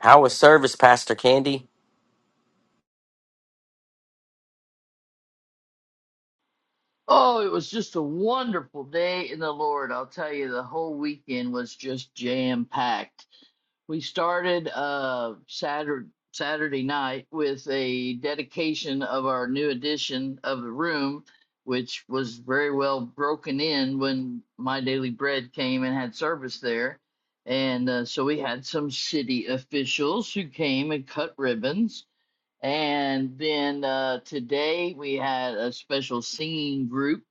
How was service, Pastor Candy? Oh, it was just a wonderful day in the Lord. I'll tell you, the whole weekend was just jam packed. We started uh Saturday Saturday night with a dedication of our new edition of the room, which was very well broken in when My Daily Bread came and had service there. And uh, so we had some city officials who came and cut ribbons and then uh, today we had a special singing group.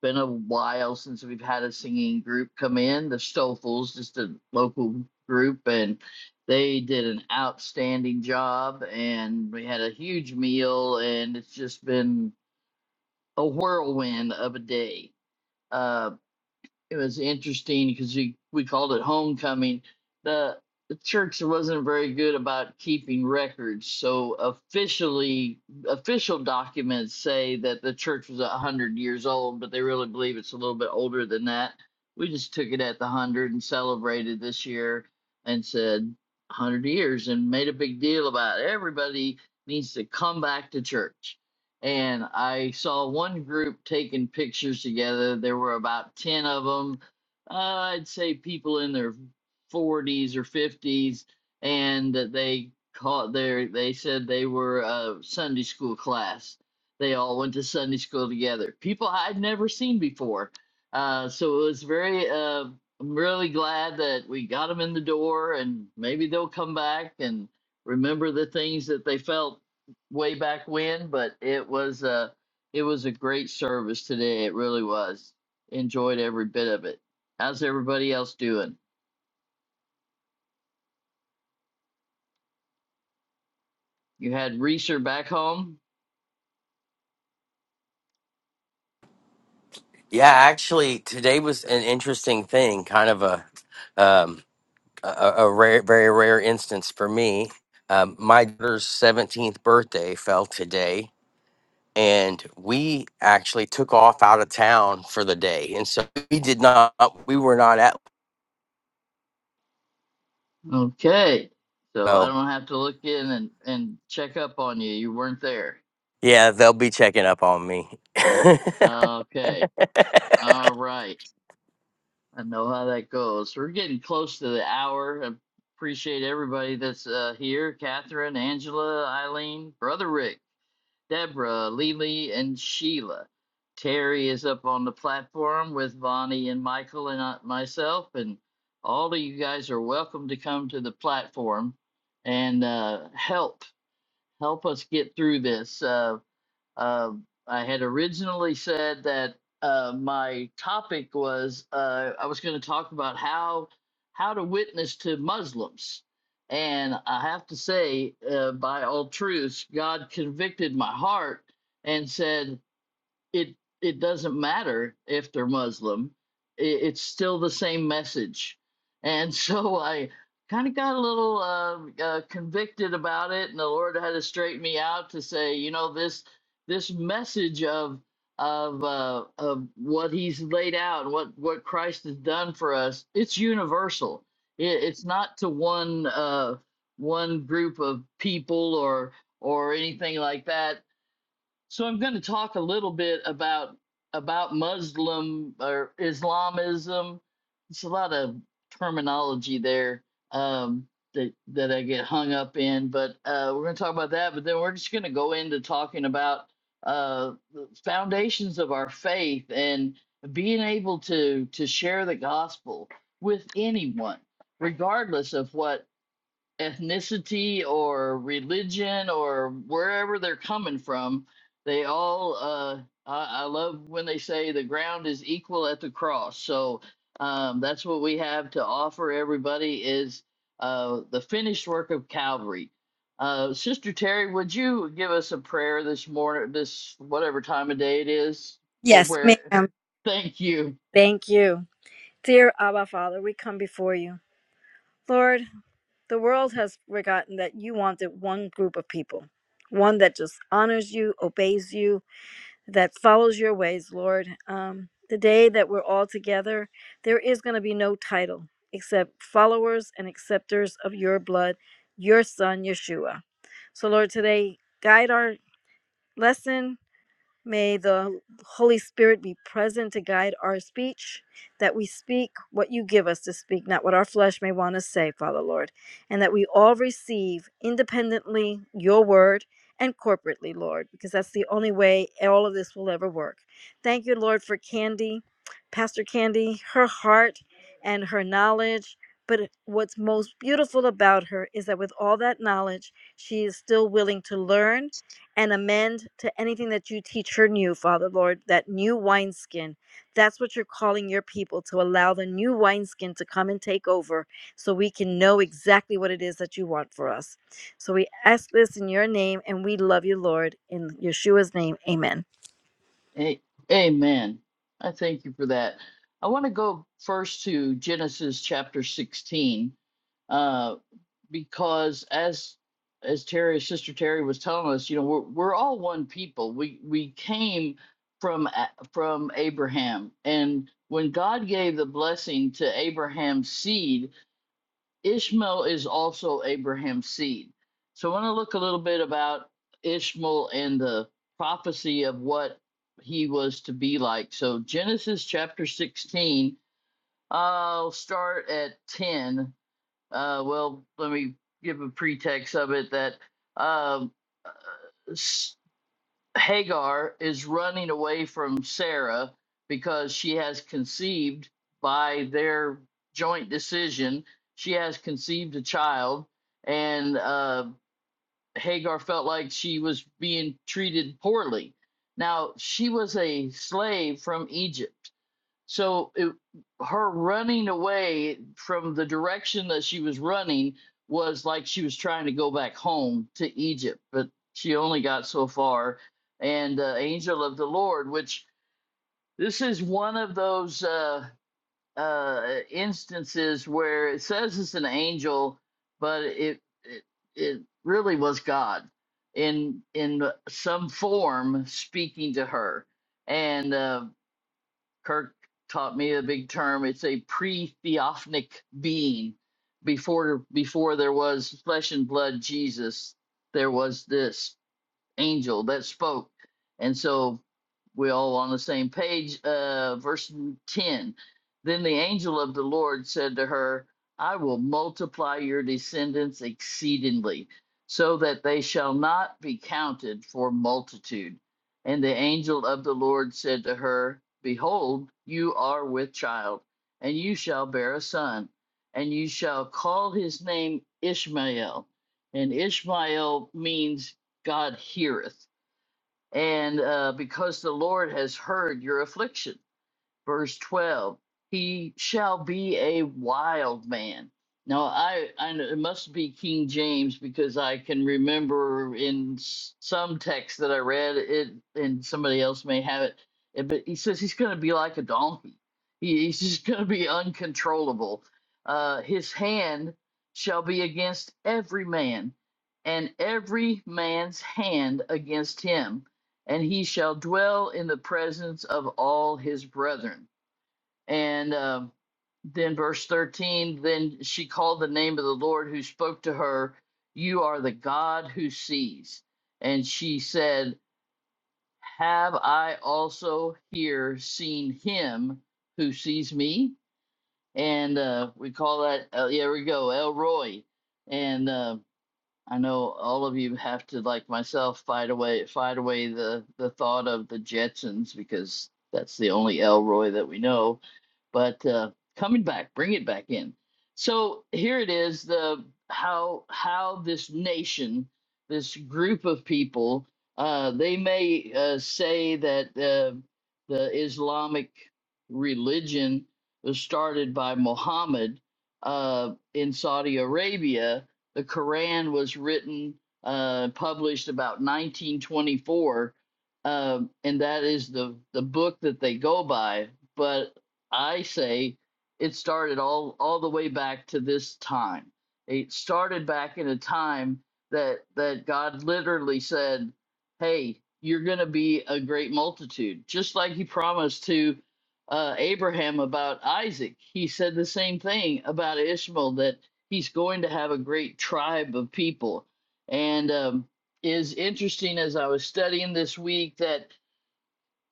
Been a while since we've had a singing group come in. The Stoffels, just a local group, and they did an outstanding job. And we had a huge meal, and it's just been a whirlwind of a day. Um, it was interesting because we, we called it homecoming. The, the church wasn't very good about keeping records, so officially official documents say that the church was a hundred years old, but they really believe it's a little bit older than that. We just took it at the one hundred and celebrated this year and said one hundred years and made a big deal about it. everybody needs to come back to church and I saw one group taking pictures together. There were about 10 of them. Uh, I'd say people in their 40s or 50s, and they caught their, they said they were a Sunday school class. They all went to Sunday school together. People I'd never seen before. Uh, so it was very, uh, I'm really glad that we got them in the door and maybe they'll come back and remember the things that they felt way back when, but it was a it was a great service today. It really was. Enjoyed every bit of it. How's everybody else doing? You had Reeser back home? Yeah, actually, today was an interesting thing, kind of a um, a, a a rare, very rare instance for me. Um, my daughter's seventeenth birthday fell today, and we actually took off out of town for the day, and so we did not, we were not at. Okay. So I So don't have to look in and, and check up on you. You weren't there. yeah, they'll be checking up on me. Okay. All right. I know how that goes. We're getting close to the hour. I appreciate everybody that's uh, here. Catherine, Angela, Eileen, Brother Rick. Deborah, Lily, and Sheila. Terry is up on the platform with Bonnie and Michael and uh, myself, and all of you guys are welcome to come to the platform and uh, help help us get through this. Uh, uh, I had originally said that uh, my topic was uh, I was going to talk about how how to witness to Muslims, and I have to say, uh, by all truths, God convicted my heart and said it it doesn't matter if they're Muslim. It, it's still the same message, and so I kind of got a little uh, uh, convicted about it, and the Lord had to straighten me out to say, you know, this this message of of uh, of what He's laid out, and what what Christ has done for us, it's universal. It, it's not to one uh, one group of people or or anything like that so I'm going to talk a little bit about about Muslim or Islamism. It's a lot of terminology there um, that that I get hung up in, but uh, we're going to talk about that. But then we're just going to go into talking about uh, the foundations of our faith and being able to to share the gospel with anyone, regardless of what ethnicity or religion or wherever they're coming from. They all, uh, I, I love when they say the ground is equal at the cross. So um, that's what we have to offer everybody is uh, the finished work of Calvary. Uh, Sister Terry, would you give us a prayer this morning, this whatever time of day it is, for Yes, where? ma'am. Thank you. Thank you. Dear Abba Father, we come before you. Lord, the world has forgotten that you wanted one group of people, one that just honors you, obeys you, that follows your ways, Lord. Um, the day that we're all together, there is going to be no title except followers and acceptors of your blood, your son, Yeshua. So, Lord, today, guide our lesson, May the Holy Spirit be present to guide our speech, that we speak what you give us to speak, not what our flesh may want to say, Father Lord, and that we all receive independently your word and corporately, Lord, because that's the only way all of this will ever work. Thank you, Lord, for Candy, Pastor Candy, her heart and her knowledge. But what's most beautiful about her is that with all that knowledge, she is still willing to learn and amend to anything that you teach her new, Father Lord, that new wineskin. That's what you're calling your people to allow the new wineskin to come and take over so we can know exactly what it is that you want for us. So we ask this in your name and we love you, Lord. In Yeshua's name, amen. A- Amen. I thank you for that. I want to go first to Genesis chapter 16, uh, because as as Terry, Sister Terry was telling us, you know, we're we're all one people. We we came from A- from Abraham, and when God gave the blessing to Abraham's seed, Ishmael is also Abraham's seed. So I want to look a little bit about Ishmael and the prophecy of what he was to be like. So Genesis chapter 16, I'll start at 10. Uh, well, let me give a pretext of it that um, uh, Hagar is running away from Sarah because she has conceived by their joint decision. She has conceived a child, and uh, Hagar felt like she was being treated poorly. Now, she was a slave from Egypt so it, her running away from the direction that she was running was like she was trying to go back home to Egypt, but she only got so far. And uh, angel of the Lord, which this is one of those uh, uh, instances where it says it's an angel, but it it, it really was God in in some form speaking to her. And uh, Kirk taught me a big term. It's a pre-theophanic being. Before before there was flesh and blood Jesus, there was this angel that spoke. And so we're all on the same page. Uh, verse 10 Then the angel of the Lord said to her, I will multiply your descendants exceedingly, so that they shall not be counted for multitude. And the angel of the Lord said to her, Behold, you are with child, and you shall bear a son, and you shall call his name Ishmael. And Ishmael means God heareth, and uh, because the Lord has heard your affliction verse 12 he shall be a wild man now i i it must be king james because i can remember in s- some text that i read it and somebody else may have it eh, but he says he's going to be like a donkey he, he's just going to be uncontrollable uh his hand shall be against every man and every man's hand against him and he shall dwell in the presence of all his brethren and um, then, verse 13, then she called the name of the Lord who spoke to her, You are the God who sees. And she said, Have I also here seen him who sees me? And uh, we call that, uh, here we go, El Roy. And uh, I know all of you have to, like myself, fight away, fight away the, the thought of the Jetsons because that's the only Elroy that we know but uh, coming back, bring it back in. So here it is: the how how this nation, this group of people, uh, they may uh, say that uh, the Islamic religion was started by Muhammad uh, in Saudi Arabia. The Quran was written, uh, published about 1924. Um, and that is the the book that they go by, but I say it started all all the way back to this time. It started back in a time that that God literally said, "Hey, you're going to be a great multitude," just like He promised to uh, Abraham about Isaac. He said the same thing about Ishmael that he's going to have a great tribe of people, and um, is interesting as I was studying this week that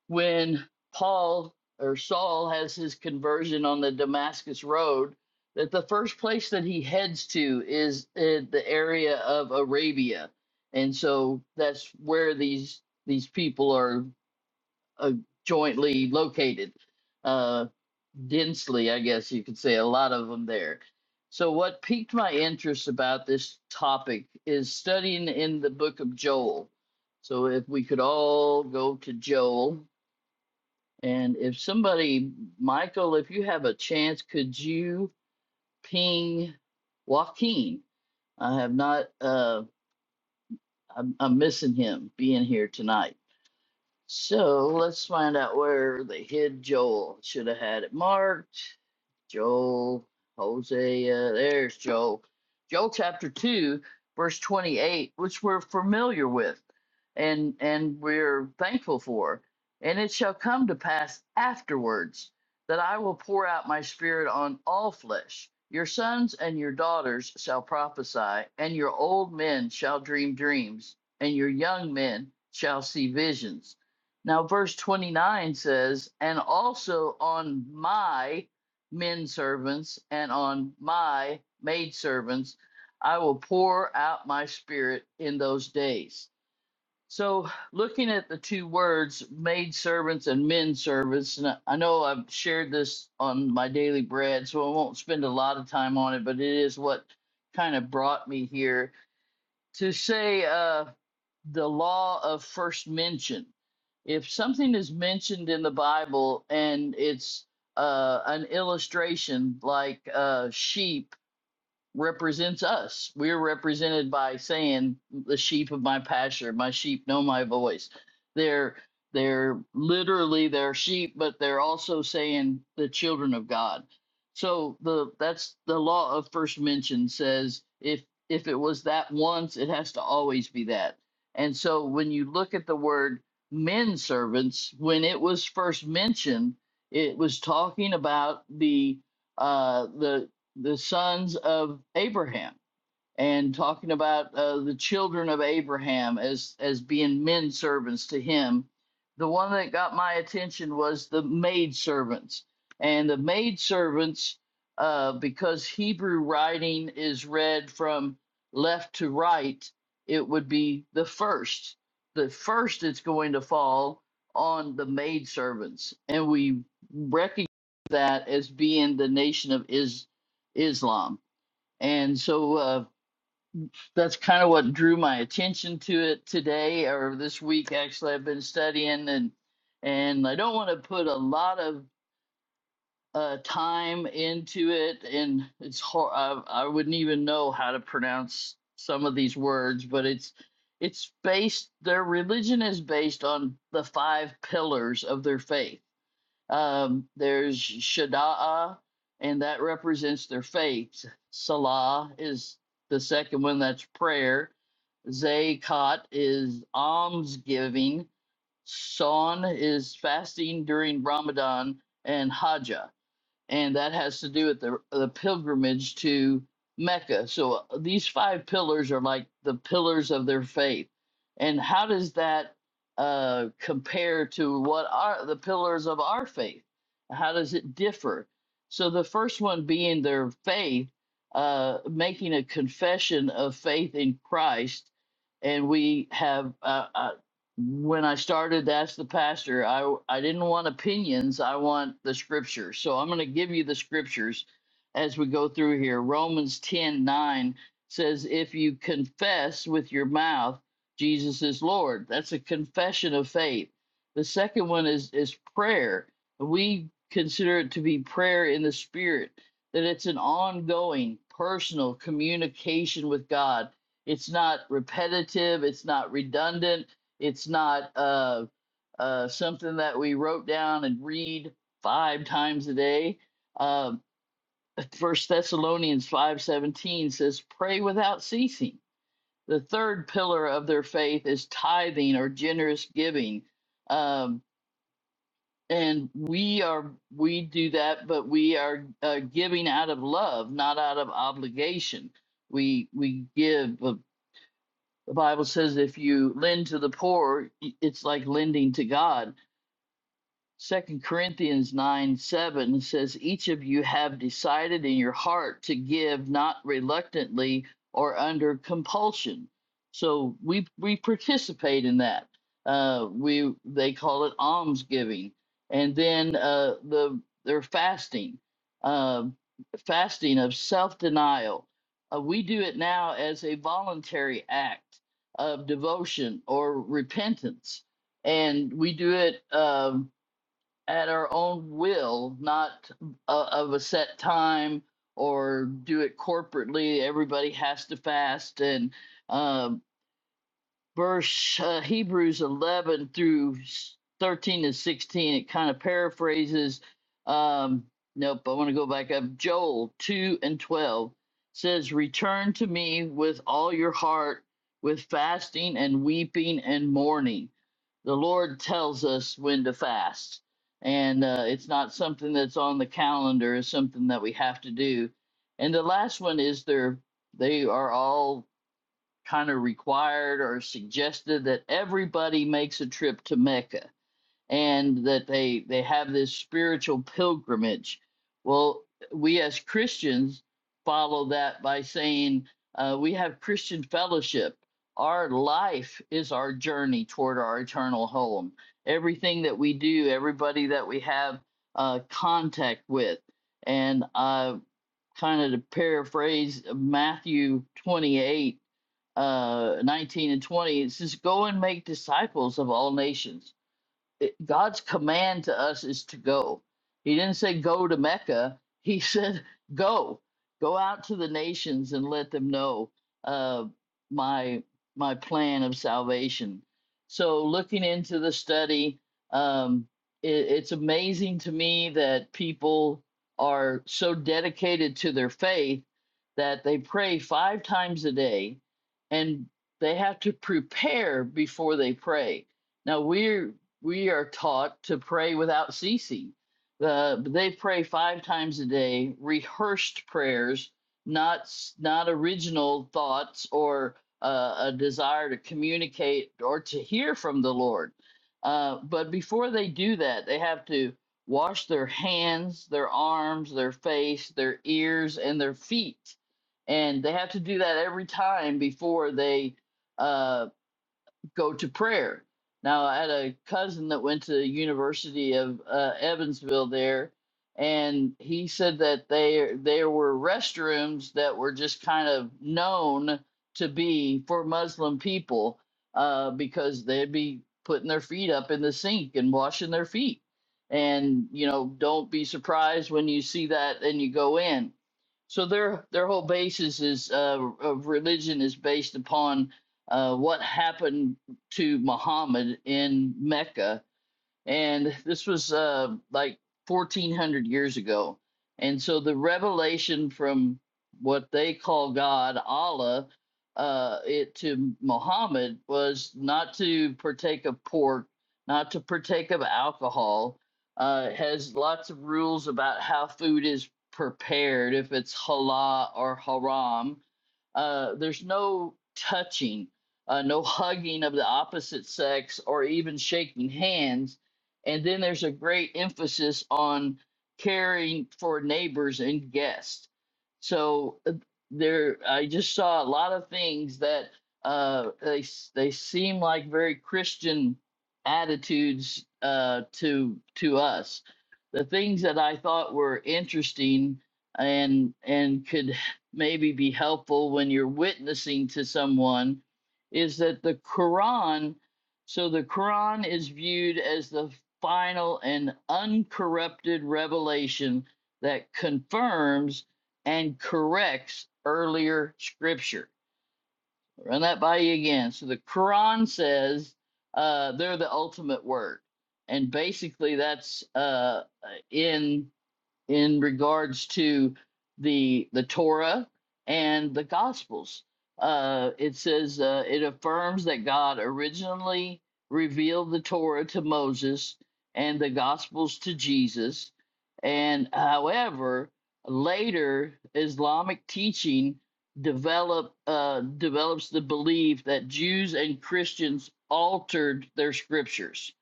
when Paul or Saul has his conversion on the Damascus Road, that the first place that he heads to is uh, the area of Arabia, and so that's where these these people are uh, jointly located, uh, densely, I guess you could say, a lot of them there. So what piqued my interest about this topic is studying in the book of Joel. So if we could all go to Joel and if somebody, Michael, if you have a chance, could you ping Joaquin? I have not, uh, I'm, I'm missing him being here tonight. So let's find out where they hid Joel. Should have had it marked. Joel, Hosea, there's Joel. Joel chapter 2, verse 28, which we're familiar with and and we're thankful for. And it shall come to pass afterwards that I will pour out my spirit on all flesh. Your sons and your daughters shall prophesy, and your old men shall dream dreams, and your young men shall see visions. Now, verse 29 says, And also on my men servants and on my maidservants I will pour out my spirit in those days. So, looking at the two words, maidservants and men servants, and I know I've shared this on my daily bread, so I won't spend a lot of time on it, but it is what kind of brought me here to say. Uh, the law of first mention. If something is mentioned in the Bible and it's uh, an illustration, like uh, sheep represents us. We're represented by saying, "The sheep of my pasture, my sheep know my voice." They're they're literally their sheep, but they're also saying the children of God. So the that's the law of first mention says if if it was that once, it has to always be that. And so when you look at the word men servants, when it was first mentioned, it was talking about the uh, the the sons of Abraham and talking about uh, the children of Abraham as as being men servants to him. The one that got my attention was the maid servants, and the maid servants, uh, because Hebrew writing is read from left to right, it would be the first. The first it's going to fall on the maid servants, and we recognize that as being the nation of is Islam. And so. Uh, that's kind of what drew my attention to it today or this week actually i've been studying and and i don't want to put a lot of uh, time into it and it's hard I, I wouldn't even know how to pronounce some of these words but it's it's based their religion is based on the five pillars of their faith um, there's Shada'a, and that represents their faith. Salah is the second one, that's prayer. Zakat is almsgiving. Sawn is fasting during Ramadan, and Hajj and that has to do with the the pilgrimage to Mecca. So uh, these five pillars are like the pillars of their faith. And how does that uh, compare to what are the pillars of our faith? How does it differ? So the first one being their faith, uh, making a confession of faith in Christ, and we have. Uh, uh, when I started to ask the pastor, I I didn't want opinions. I want the scriptures. So I'm going to give you the scriptures as we go through here. Romans 10 9 says, If you confess with your mouth Jesus is Lord, that's a confession of faith. The second one is is prayer. We consider it to be prayer in the spirit, that it's an ongoing personal communication with God. It's not repetitive, it's not redundant it's not uh, uh, something that we wrote down and read five times a day. Um First Thessalonians five seventeen says, "Pray without ceasing." The third pillar of their faith is tithing or generous giving, um, and we are we do that, but we are uh, giving out of love, not out of obligation. We we give. uh, The Bible says, "If you lend to the poor, it's like lending to God." Second Corinthians 9 7 says, Each of you have decided in your heart to give not reluctantly or under compulsion. So we we participate in that. Uh, we they call it almsgiving, and then uh, the they're fasting, uh, fasting of self denial. Uh, we do it now as a voluntary act of devotion or repentance, and we do it. Um, at our own will, not uh, of a set time or do it corporately. Everybody has to fast and uh, verse uh, Hebrews 11 through 13 to 16. It kind of paraphrases. Um, nope, I want to go back up. Joel 2 and 12 says, Return to me with all your heart, with fasting and weeping and mourning. The Lord tells us when to fast. And uh, it's not something that's on the calendar, it's something that we have to do. And the last one is they're, they are all kind of required or suggested that everybody makes a trip to Mecca and that they they have this spiritual pilgrimage. Well, we as Christians follow that by saying uh, we have Christian fellowship. Our life is our journey toward our eternal home. Everything that we do, everybody that we have uh, contact with, and uh, kind of to paraphrase Matthew 28 uh, 19 and 20, it says, Go and make disciples of all nations it, God's command to us is to go. He didn't say go to Mecca. He said go, go out to the nations and let them know uh, my my plan of salvation. So looking into the study, um, it, it's amazing to me that people are so dedicated to their faith that they pray five times a day, and they have to prepare before they pray. Now we we are taught to pray without ceasing. Uh, they pray five times a day, rehearsed prayers, not not original thoughts or uh, a desire to communicate or to hear from the Lord. Uh, but before they do that, they have to wash their hands, their arms, their face, their ears, and their feet, and they have to do that every time before they uh, go to prayer. Now, I had a cousin that went to the University of uh, Evansville there, and he said that they there were restrooms that were just kind of known to be for Muslim people uh, because they'd be putting their feet up in the sink and washing their feet. And you know, don't be surprised when you see that and you go in. So their their whole basis is uh, of religion is based upon uh, what happened to Muhammad in Mecca, and this was uh, like 1400 years ago. And so the revelation from what they call God, Allah, uh, it to Muhammad was not to partake of pork, not to partake of alcohol. Uh, it has lots of rules about how food is prepared, if it's halal or haram uh, there's no touching, uh, no hugging of the opposite sex, or even shaking hands. And then there's a great emphasis on caring for neighbors and guests. So uh, there, I just saw a lot of things that uh, they s- they seem like very Christian attitudes uh, to to us. The things that I thought were interesting and and could maybe be helpful when you're witnessing to someone is that the Quran, so the Quran is viewed as the final and uncorrupted revelation that confirms and corrects earlier scripture. I'll Run that by you again. So the Quran says uh, they're the ultimate word. And basically, that's uh, in in regards to the the Torah and the Gospels. Uh, it says uh, it affirms that God originally revealed the Torah to Moses and the Gospels to Jesus, and however, later Islamic teaching develop uh, develops the belief that Jews and Christians altered their scriptures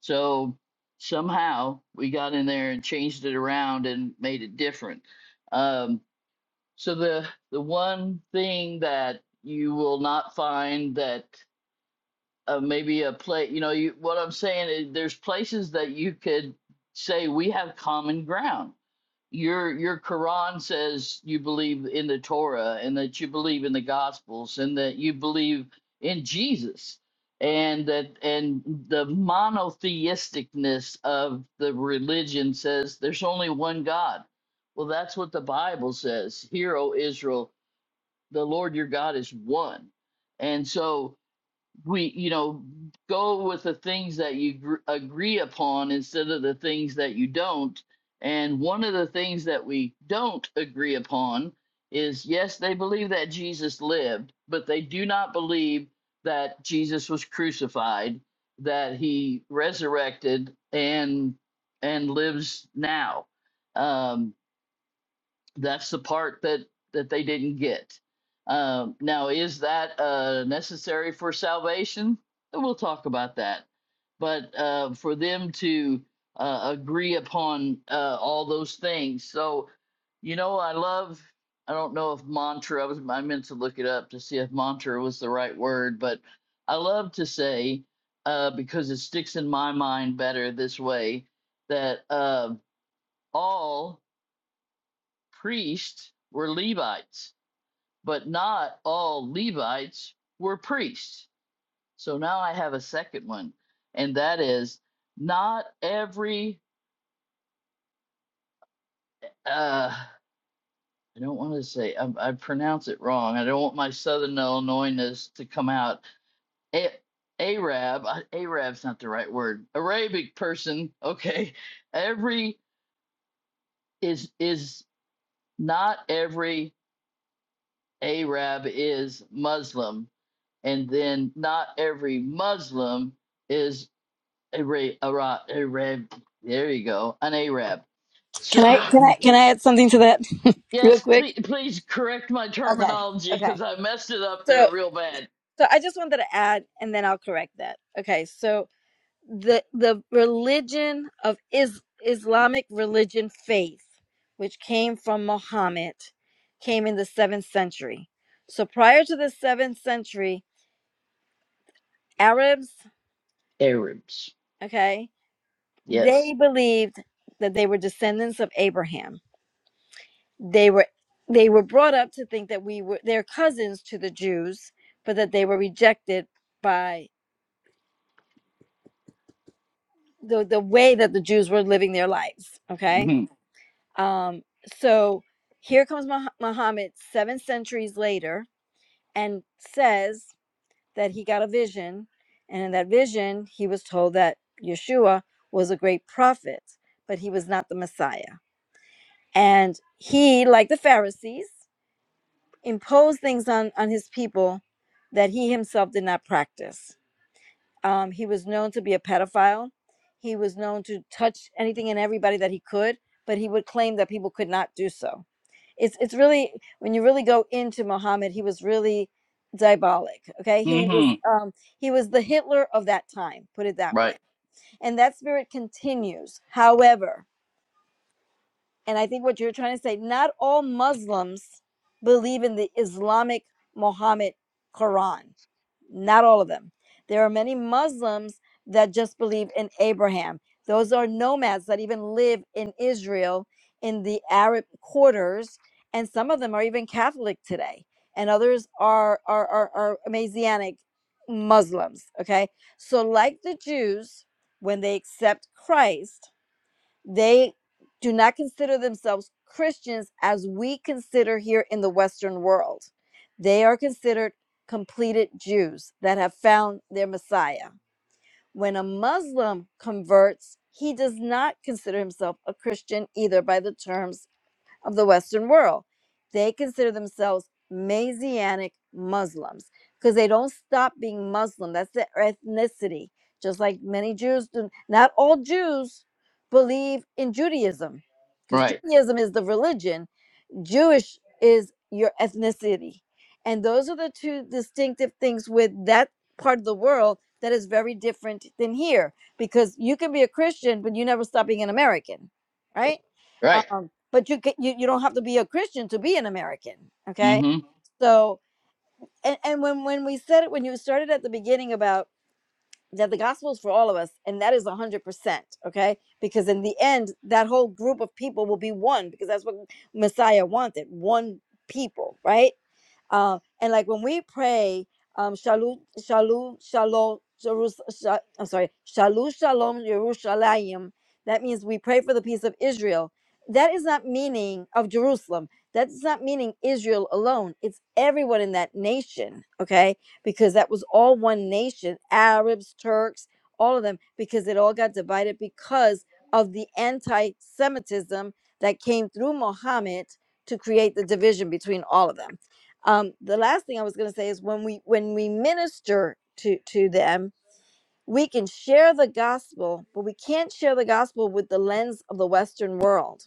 so somehow we got in there and changed it around and made it different. Um, so the the one thing that you will not find that uh, maybe a play, you know, you, what I'm saying is there's places that you could say we have common ground your your Quran says you believe in the Torah and that you believe in the Gospels and that you believe in Jesus and that and the monotheisticness of the religion says there's only one God. Well, that's what the Bible says. Hear, O Israel, the Lord your God is one. And so we you know go with the things that you gr- agree upon instead of the things that you don't and one of the things that we don't agree upon is yes they believe that Jesus lived but they do not believe that Jesus was crucified that he resurrected and and lives now Um, that's the part that that they didn't get um, now is that uh, necessary for salvation we'll talk about that but uh, for them to uh, agree upon uh, all those things so you know i love i don't know if mantra i was i meant to look it up to see if mantra was the right word but i love to say uh, because it sticks in my mind better this way that uh, all priests were Levites, but not all Levites were priests. So now I have a second one, and that is not every. Uh, I don't want to say I, I pronounce it wrong. I don't want my Southern Illinoisness to come out. A, Arab, uh, Arab's not the right word. Arabic person, okay. Every is is not every Arab is Muslim and then not every Muslim is a ra a Arab there you go, an Arab. So Can I can I can I add something to that real yes, quick? please, please correct my Okay. terminology Okay. because I messed it up So there real bad. so I just wanted to add and then I'll correct that. Okay. So. the the religion of is Islamic religion faith, which came from Muhammad, came in the seventh century. So prior to the seventh century, Arabs, Arabs. okay, they Yes. believed that they were descendants of Abraham. They were they were brought up to think that we were their cousins to the Jews, but that they were rejected by the, the way that the Jews were living their lives. Okay Mm-hmm. Um, so here comes Mah- Muhammad seven centuries later and says that he got a vision. And in that vision, he was told that Yeshua was a great prophet, but he was not the Messiah. And he, like the Pharisees, imposed things on, on his people that he himself did not practice. Um, he was known to be a pedophile. He was known to touch anything and everybody that he could, but he would claim that people could not do so it's it's really when you really go into Muhammad, he was really diabolic. Okay, he was Mm-hmm. um, he was the Hitler of that time. Put it that Right. way, and that spirit continues. However. And I think what you're trying to say, not all Muslims believe in the Islamic Muhammad Quran. Not all of them. There are many Muslims that just believe in Abraham. Those are nomads that even live in Israel in the Arab quarters. And some of them are even Catholic today. And others are, are, are, are Messianic Muslims. Okay. So, like the Jews, when they accept Christ, they do not consider themselves Christians as we consider here in the Western world. They are considered completed Jews that have found their Messiah. When a Muslim converts, he does not consider himself a Christian either by the terms of the Western world. They consider themselves Messianic Muslims because they don't stop being Muslim. That's their ethnicity. Just like many Jews do, not all Jews believe in Judaism because Right. Judaism is the religion Jewish is your ethnicity. And those are the two distinctive things with that part of the world that is very different than here because you can be a Christian, but you never stop being an American, right? Right. Um, but you, can, you you don't have to be a Christian to be an American, okay? Mm-hmm. So and, and when when we said it when you started at the beginning about that the gospel is for all of us and that is 100% okay because in the end that whole group of people will be one because that's what messiah wanted one people right um, and like when we pray, um, shalom, shalom, shalom, Jerus- Sha- I'm sorry, shalom, shalom, Yerushalayim. That means we pray for the peace of Israel. That is not meaning of Jerusalem. That's not meaning Israel alone. It's everyone in that nation, okay? Because that was all one nation Arabs, Turks, all of them, because it all got divided because of the anti Semitism that came through Muhammad to create the division between all of them um, the last thing I was going to say is when we when we minister to to them, we can share the gospel, but we can't share the gospel with the lens of the Western world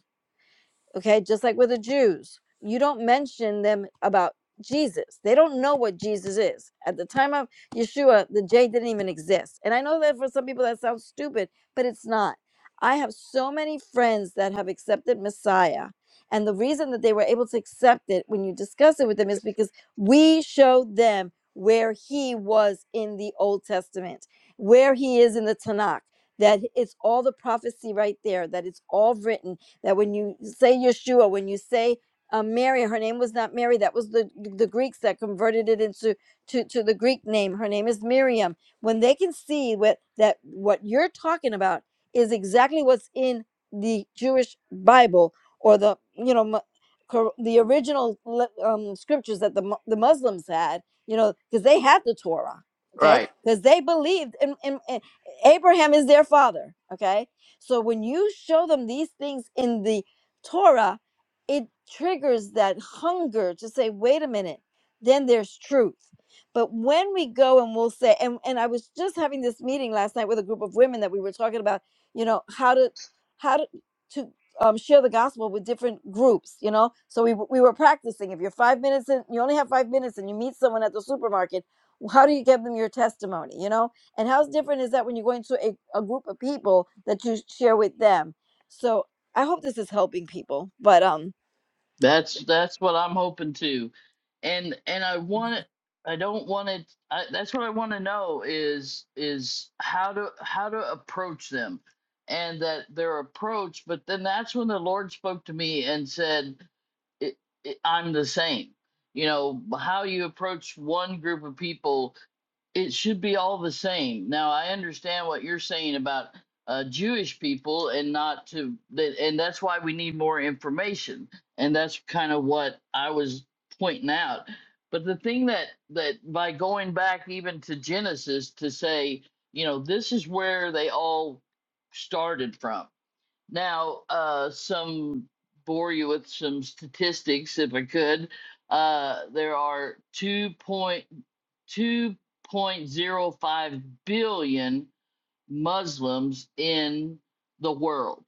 Okay, just like with the Jews, you don't mention them about Jesus. They don't know what Jesus is. At the time of Yeshua, the J didn't even exist. And I know that for some people that sounds stupid, but it's not. I have so many friends that have accepted Messiah. And the reason that they were able to accept it when you discuss it with them is because we showed them where he was in the Old Testament, where he is in the Tanakh, that it's all the prophecy right there, that it's all written that when you say Yeshua, when you say uh, Mary, her name was not Mary. That was the the Greeks that converted it into to, to the Greek name. Her name is Miriam. When they can see what that what you're talking about is exactly what's in the Jewish Bible or the you know mu- cor- the original le- um, scriptures that the mu- the Muslims had. You know, because they had the Torah. Okay, Right. because they believed, and, and, and Abraham is their father. Okay, so when you show them these things in the Torah, it triggers that hunger to say, wait a minute, then there's truth. But when we go and we'll say, and, and I was just having this meeting last night with a group of women that we were talking about, you know, how to how to to um, share the gospel with different groups, you know. So we w- we were practicing. If you're five minutes in, you only have five minutes, and you meet someone at the supermarket, how do you give them your testimony, you know? And how different is that when you're going to a, a group of people that you share with them? So I hope this is helping people. But um, That's that's what I'm hoping to, and and I want I don't want it. I, that's what I want to know is is how to how to approach them, and that their approach. But then that's when the Lord spoke to me and said, it, it, "I'm the same." You know how you approach one group of people it should be all the same. Now I understand what you're saying about uh, Jewish people and not to that, and that's why we need more information. And that's kind of what I was pointing out. But the thing that that by going back even to Genesis to say, you know, this is where they all started from now, uh, some bore you with some statistics, if I could. Uh, there are 2.2.05 billion Muslims in the world,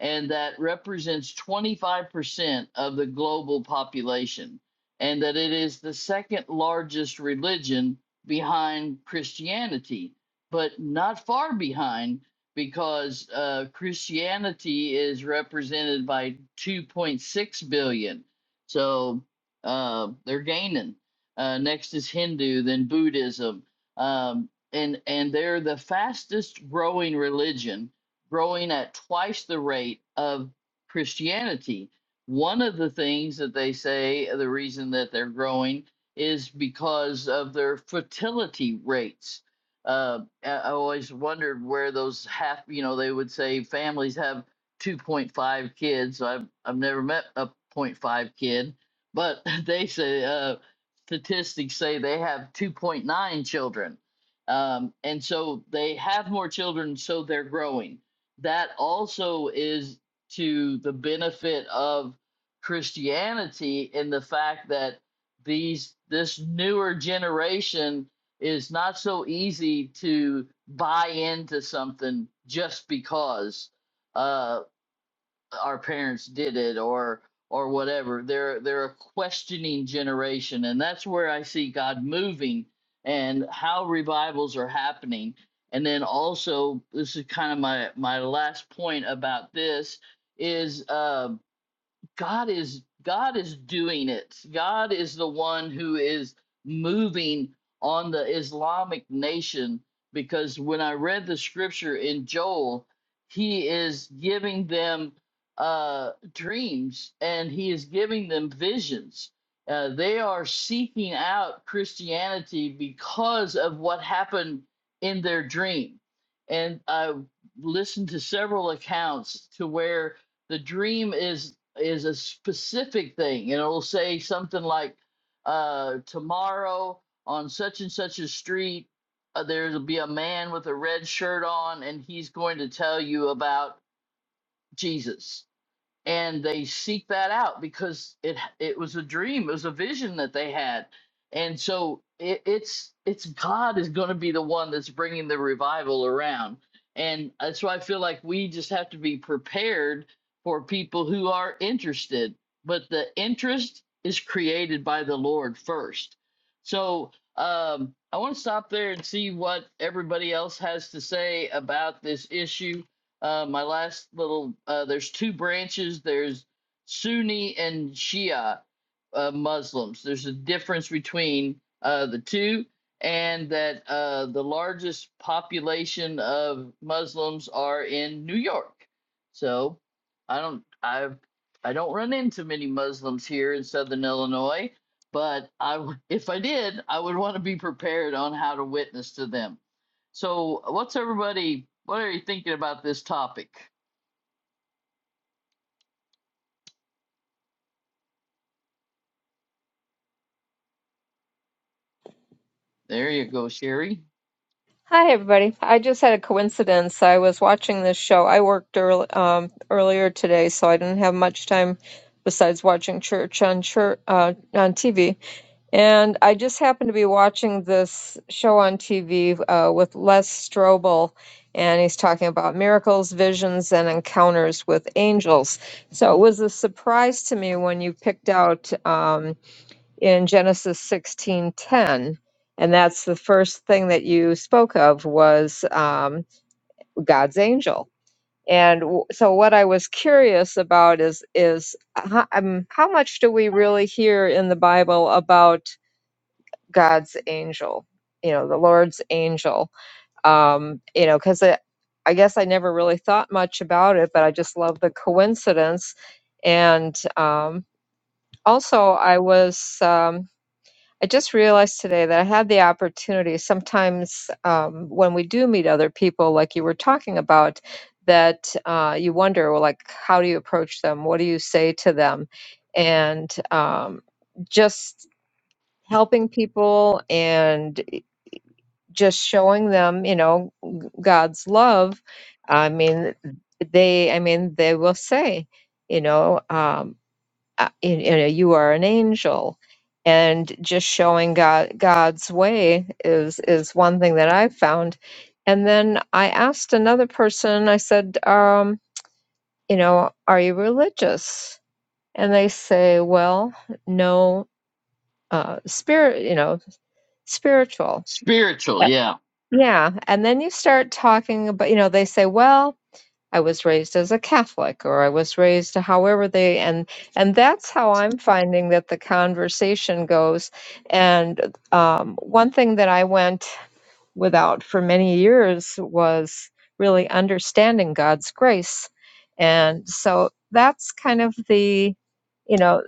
and that represents 25% of the global population, and that it is the second largest religion behind Christianity, but not far behind because uh, Christianity is represented by 2.6 billion. So uh, they're gaining. Uh, next is Hindu, then Buddhism. um, and and they're the fastest growing religion, growing at twice the rate of Christianity. One of the things that they say the reason that they're growing is because of their fertility rates. Uh, I I always wondered where those half, you know, they would say families have 2.5 kids. So I've I've never met a point five kid, but they say uh, statistics say they have 2.9 children um, and so they have more children, so they're growing. That also is to the benefit of Christianity in the fact that these this newer generation is not so easy to buy into something just because. Uh, our parents did it or or whatever they're they're a questioning generation and that's where i see god moving and how revivals are happening and then also this is kind of my my last point about this is uh, God is God is doing it. God is the one who is moving on the Islamic nation because when I read the scripture in Joel, he is giving them uh, dreams and he is giving them visions. Uh, they are seeking out Christianity because of what happened in their dream. And I listened to several accounts to where the dream is is a specific thing and it'll say something like uh tomorrow on such and such a street uh, there'll be a man with a red shirt on and he's going to tell you about jesus and they seek that out because it it was a dream it was a vision that they had and so it, it's it's god is going to be the one that's bringing the revival around and that's why i feel like we just have to be prepared for people who are interested but the interest is created by the lord first so um i want to stop there and see what everybody else has to say about this issue uh, my last little uh, there's two branches. There's Sunni and Shia uh, Muslims. There's a difference between uh, the two, and that uh, the largest population of Muslims are in New York. So I don't I I don't run into many Muslims here in Southern Illinois, but I w- if I did, I would want to be prepared on how to witness to them. So, what's everybody? What are you thinking about this topic? There you go, Sherry. Hi, everybody. I just had a coincidence. I was watching this show. I worked early, um, earlier today, so I didn't have much time besides watching church on church, uh, on TV. And I just happened to be watching this show on TV uh, with Les Strobel, and he's talking about miracles, visions, and encounters with angels. So it was a surprise to me when you picked out. um, in Genesis 16:10, and that's the first thing that you spoke of was um, God's angel. And w- so, what I was curious about is is how, um, how much do we really hear in the Bible about God's angel? You know, the Lord's angel. Um, you know, because I guess I never really thought much about it, but I just love the coincidence. And um, also, I was um, I just realized today that I had the opportunity sometimes um, when we do meet other people, like you were talking about, that uh, you wonder, well, like, how do you approach them? What do you say to them? And um, just helping people and just showing them, you know, God's love. I mean, they, I mean, they will say, you know, um, uh, you you know you are an angel and just showing god god's way is is one thing that i've found and then i asked another person i said um you know are you religious and they say well no uh spirit you know spiritual Spiritual, Uh, yeah. yeah and then you start talking about you know they say well I was raised as a Catholic or I was raised however they and and that's how I'm finding that the conversation goes. And um, one thing that I went without for many years was really understanding God's grace. And so that's kind of the, you know,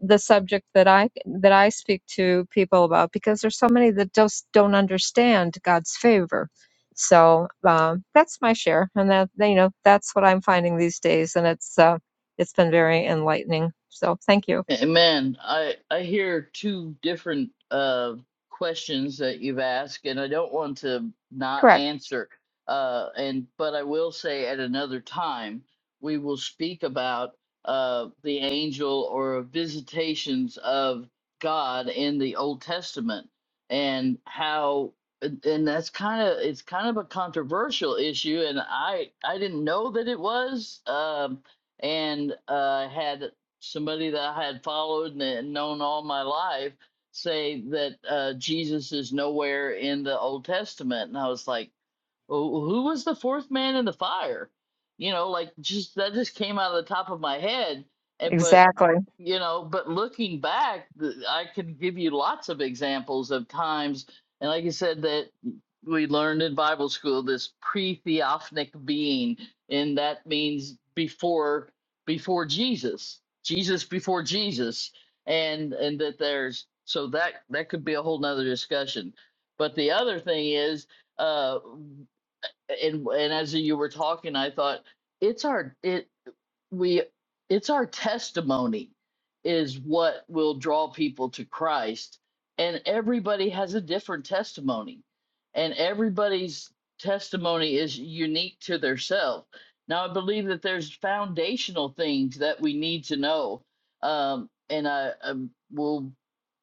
the subject that I that I speak to people about because there's so many that just don't understand God's favor. So um, that's my share, and that you know that's what I'm finding these days, and it's uh, it's been very enlightening. So thank you. Eh, Man, I I hear two different uh questions that you've asked, and I don't want to not Correct. answer. Uh, and but I will say at another time we will speak about uh the angel or visitations of God in the Old Testament and how and and that's kind of it's kind of a controversial issue, and I I didn't know that it was um and uh, had somebody that I had followed and known all my life say that uh, Jesus is nowhere in the Old Testament, and I was like, "Who who was the fourth man in the fire?" You know, like just that just came out of the top of my head, and but Exactly. you know but looking back th- i could give you lots of examples of times and like you said that we learned in bible school this pre-theophanic being and that means before before jesus jesus before jesus and and that there's so that that could be a whole nother discussion but the other thing is uh and and as you were talking i thought it's our it we it's our testimony is what will draw people to Christ and everybody has a different testimony and everybody's testimony is unique to their self now i believe that there's foundational things that we need to know um, and i, I will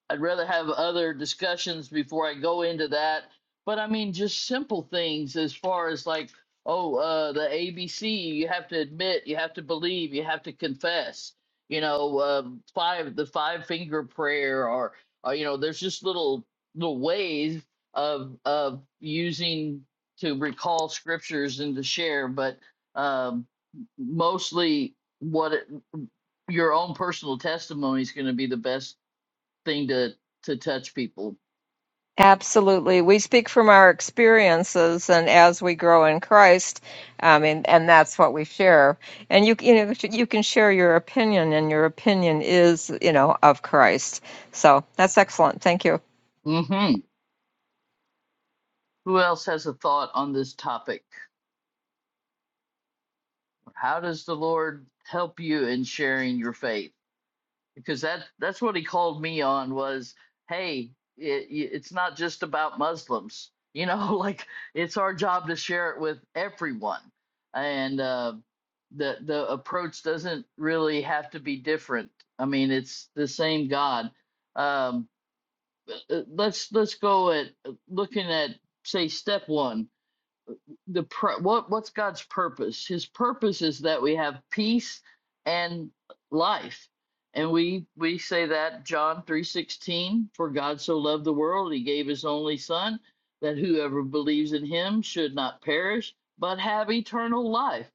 I'd rather have other discussions before I go into that. But I mean, just simple things as far as like, oh, uh, the ABC, you have to admit, you have to believe, you have to confess. You know, um, five the five finger prayer, or, or you know, there's just little little ways of of using to recall scriptures and to share. But um, mostly, what it, your own personal testimony is going to be the best thing to to touch people. Absolutely. We speak from our experiences and as we grow in Christ, um, and, and that's what we share. And you, you know, you can share your opinion and your opinion is, you know, of Christ. So that's excellent. Thank you. hmm Who else has a thought on this topic? How does the Lord help you in sharing your faith? Because that that's what He called me on was, hey, it, it's not just about Muslims. You know, like it's our job to share it with everyone, and uh, the the approach doesn't really have to be different. I mean, it's the same God. Um, uh, let's let's go at uh, looking at say step one the pr- what what's God's purpose? His purpose is that we have peace and life. And we we say that John 3:16 for God so loved the world he gave his only son that whoever believes in him should not perish but have eternal life.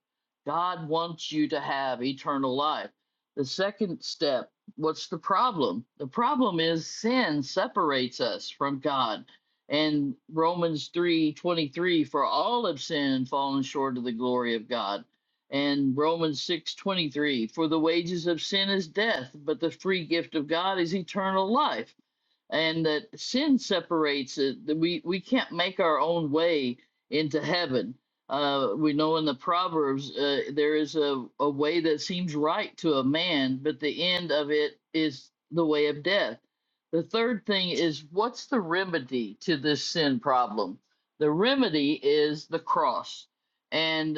God wants you to have eternal life. The second step, what's the problem? The problem is sin separates us from God and Romans 3:23 for all have sinned and fallen short of the glory of God and Romans 6:23 for the wages of sin is death but the free gift of God is eternal life and that sin separates it. We we can't make our own way into heaven. Uh, we know in the Proverbs uh, there is a, a way that seems right to a man, but the end of it is the way of death. The third thing is what's the remedy to this sin problem? The remedy is the cross. And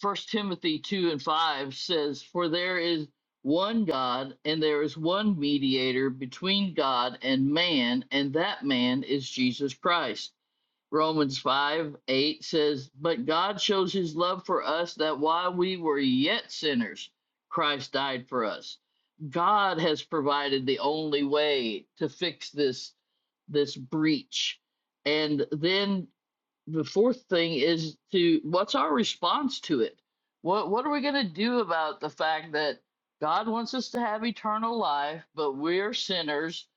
First Timothy two and five says, "For there is one God, and there is one mediator between God and man, and that man is Jesus Christ." Romans five eight says, "But God shows His love for us that while we were yet sinners, Christ died for us." God has provided the only way to fix this this breach. And then the fourth thing is to what's our response to it? What what are we going to do about the fact that God wants us to have eternal life, but we're sinners,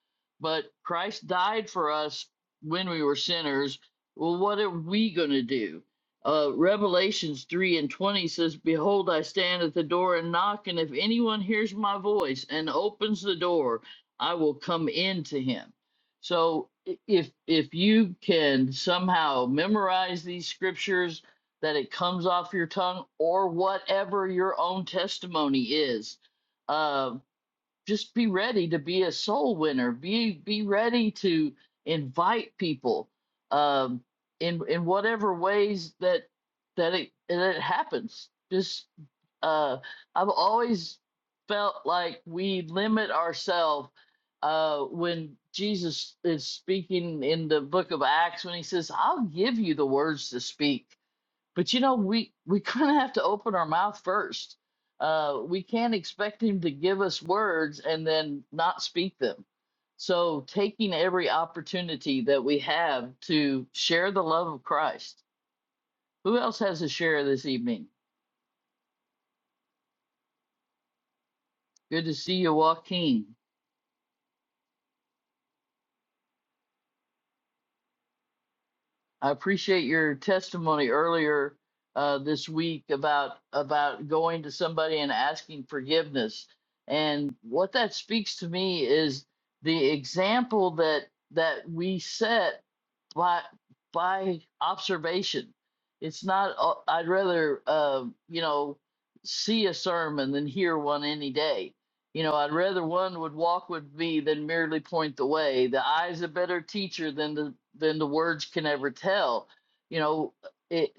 but Christ died for us when we were sinners. Well, what are we going to do? Uh, Revelations 3 and 20 says, Behold, I stand at the door and knock, and if anyone hears my voice and opens the door, I will come in to him so i- if if you can somehow memorize these scriptures that it comes off your tongue or whatever your own testimony is, uh, just be ready to be a soul winner be be ready to invite people um in in whatever ways that that it that it happens just uh i've always felt like we limit ourselves uh when jesus is speaking in the book of acts when he says i'll give you the words to speak but you know, we we kind of have to open our mouth first. Uh, we can't expect him to give us words and then not speak them. So, taking every opportunity that we have to share the love of Christ. Who else has a share this evening? Good to see you, Joaquin. I appreciate your testimony earlier uh, this week about about going to somebody and asking forgiveness. And what that speaks to me is the example that that we set by by observation. It's not. uh, I'd rather uh, you know see a sermon than hear one any day. You know, I'd rather one would walk with me than merely point the way. The eye's a better teacher than the than the words can ever tell. You know, it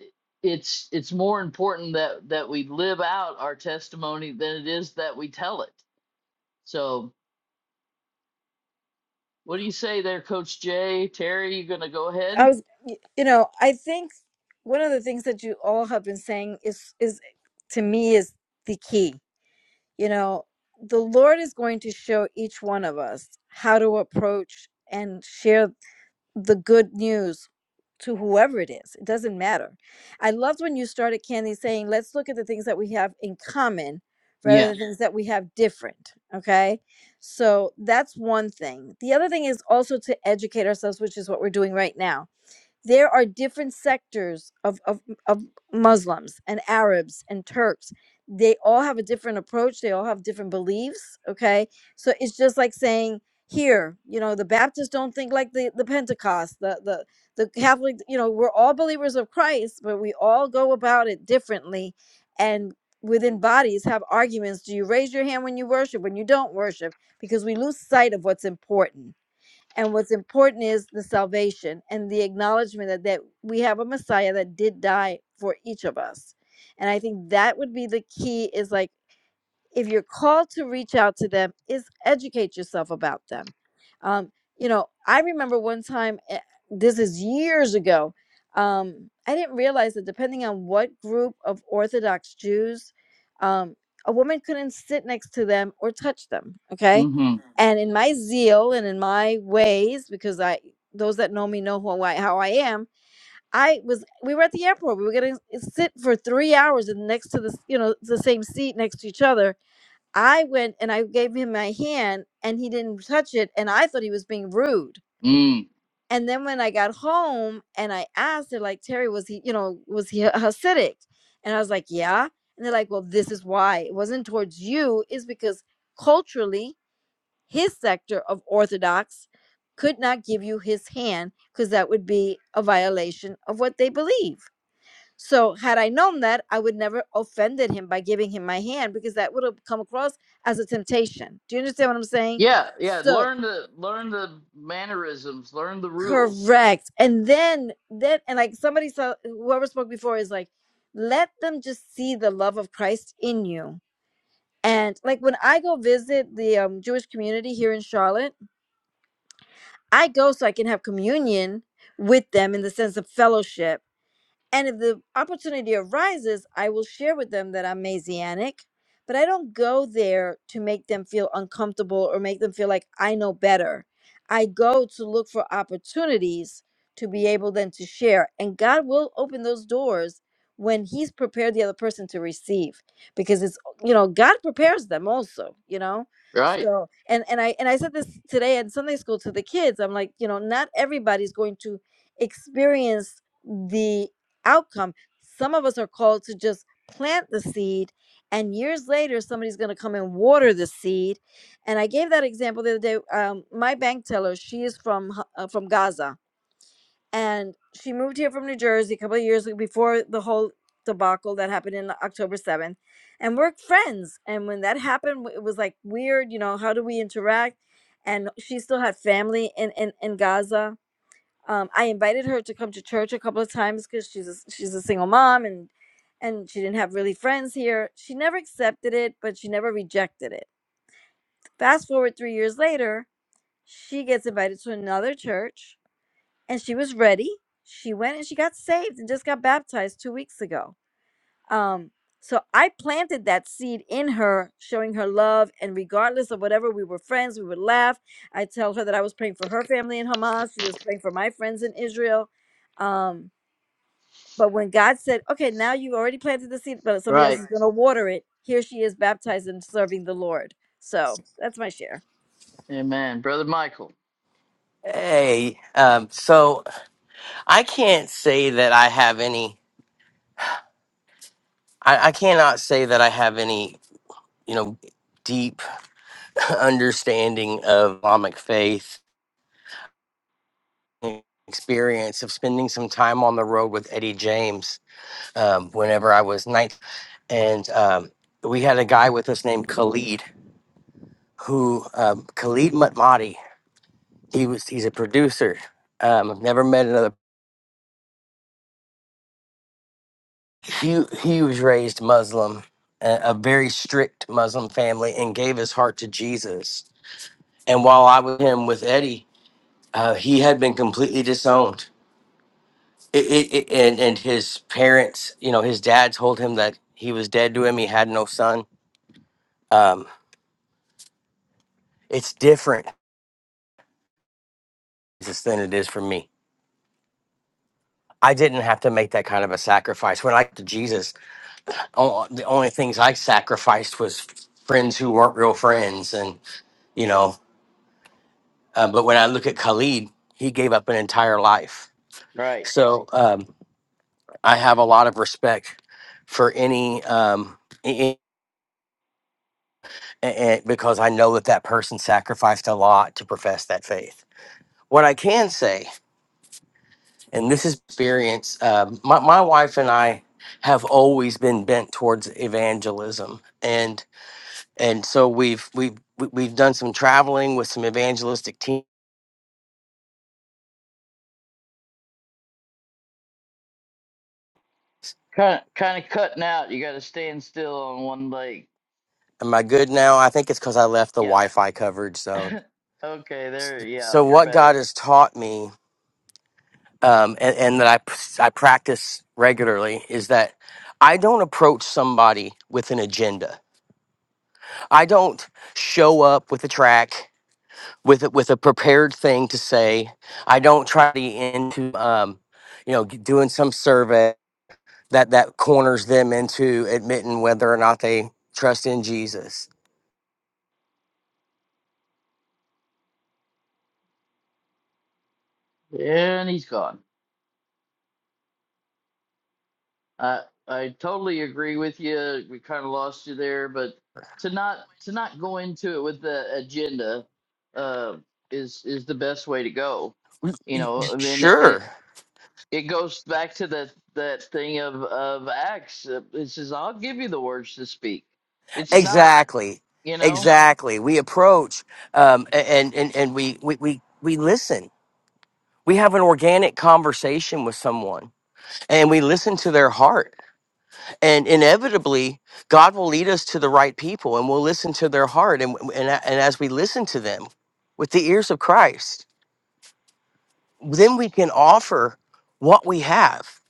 it's it's more important that that we live out our testimony than it is that we tell it. So, what do you say there, Coach Jay? Terry, you gonna go ahead? I was, y- you know, I think one of the things that you all have been saying is is to me is the key. You know, the Lord is going to show each one of us how to approach and share the good news to whoever it is. It doesn't matter. I loved when you started, Candy, saying, let's look at the things that we have in common rather Yeah. than things that we have different. Okay. So that's one thing. The other thing is also to educate ourselves, which is what we're doing right now there are different sectors of, of, of Muslims and Arabs and Turks. They all have a different approach, they all have different beliefs. Okay. So it's just like saying, here, you know, the Baptists don't think like the, the Pentecost, the, the, the Catholic, you know, we're all believers of Christ, but we all go about it differently and within bodies have arguments. Do you raise your hand when you worship, when you don't worship? Because we lose sight of what's important and what's important is the salvation and the acknowledgement that, that we have a Messiah that did die for each of us. And I think that would be the key is like, if you're called to reach out to them is educate yourself about them um, you know i remember one time eh, this is years ago um, i didn't realize that depending on what group of orthodox jews um, a woman couldn't sit next to them or touch them okay Mhm. Mm-hmm. and in my zeal and in my ways because i those that know me know who I, how i am i was we were at the airport we were gonna eh, sit for three hours and next to the s- you know the same seat next to each other I went and I gave him my hand and he didn't touch it and I thought he was being rude. And then when I got home and I asked her, like, Terry, was he, you know, was he Hasidic? And I was like, yeah. And they're like, well, this is why. It wasn't towards you, is because culturally, his sector of Orthodox could not give you his hand because that would be a violation of what they believe. So had I known that, I would never offended him by giving him my hand because that would have come across as a temptation. Do you understand what I'm saying? Yeah. Yeah, yeah. So Learn the learn the mannerisms, learn the rules. correct. And then then and like somebody saw whoever spoke before is like, let them just see the love of Christ in you. And like when I go visit the um, Jewish community here in Charlotte, I go so I can have communion with them in the sense of fellowship And if the opportunity arises, I will share with them that I'm Messianic, but I don't go there to make them feel uncomfortable or make them feel like I know better. I go to look for opportunities to be able then to share. And God will open those doors when He's prepared the other person to receive. Because it's you know, God prepares them also, you know. Right, So and and I and I said this today in Sunday school to the kids. I'm like, you know, not everybody's going to experience the outcome. Some of us are called to just plant the seed, and years later, somebody's going to come and water the seed. And I gave that example the other day. Um, my bank teller, she is from uh, from Gaza, and she moved here from New Jersey a couple of years before the whole debacle that happened in October seventh, and we're friends. And when that happened, it was like weird, you know, how do we interact? And she still had family in in, in Gaza um, I invited her to come to church a couple of times because she's a, she's a single mom and and she didn't have really friends here. She never accepted it, but she never rejected it. Fast forward three years later, she gets invited to another church, and she was ready. She went and she got saved and just got baptized two weeks ago. Um, so I planted that seed in her, showing her love, and regardless of whatever, we were friends. We would laugh. I tell her that I was praying for her family in Hamas. She was praying for my friends in Israel. Um, but when God said, okay, now you've already planted the seed, but somebody else right. is going to water it, here she is baptized and serving the Lord. So that's my share. Amen, brother Michael. hey, um, so I can't say that I have any I, I cannot say that I have any you know, deep understanding of Islamic faith experience of spending some time on the road with Eddie James um, whenever I was 19. And um, we had a guy with us named Khalid, who um, Khalid Matmati, he was, he's a producer. Um, I've never met another. He, he was raised Muslim, a, a very strict Muslim family, and gave his heart to Jesus. And while I was him with Eddie, uh, he had been completely disowned it, it, it, and and his parents, you know, his dad told him that he was dead to him. He had no son. Um, it's different Jesus, than it is for me. I didn't have to make that kind of a sacrifice. When I got to Jesus, o- the only things I sacrificed was friends who weren't real friends, and you know. Uh, but when I look at Khalid, he gave up an entire life. Right. So um, I have a lot of respect for any um, and, because I know that that person sacrificed a lot to profess that faith. What I can say, and this is experience, um, my, my wife and I have always been bent towards evangelism, and and so we've we've we- we've done some traveling with some evangelistic teams. Kind of, kind of cutting out. You got to stand still on one leg. Am I good now? I think it's because I left the Yeah. Wi-Fi coverage zone. okay. S- There. Yeah. So You're what God better. has taught me, um, and, and that I p- I practice regularly, is that I don't approach somebody with an agenda. I don't show up with a track with a, with a prepared thing to say. I don't try to get into um, you know g- doing some survey that that corners them into admitting whether or not they trust in Jesus. And he's gone. I I totally agree with you. We kind of lost you there, but to not to not go into it with the agenda uh, is is the best way to go Y- you y- y- know i mean Sure, it goes back to that that thing of of acts uh, it says i'll give you the words to speak it's not exactly, you know exactly. We approach um, a- and and and we we we, we listen. We have an organic conversation with someone and we listen to their heart and inevitably god will lead us to the right people and we'll listen to their heart and, and, and as we listen to them with the ears of christ then we can offer what we have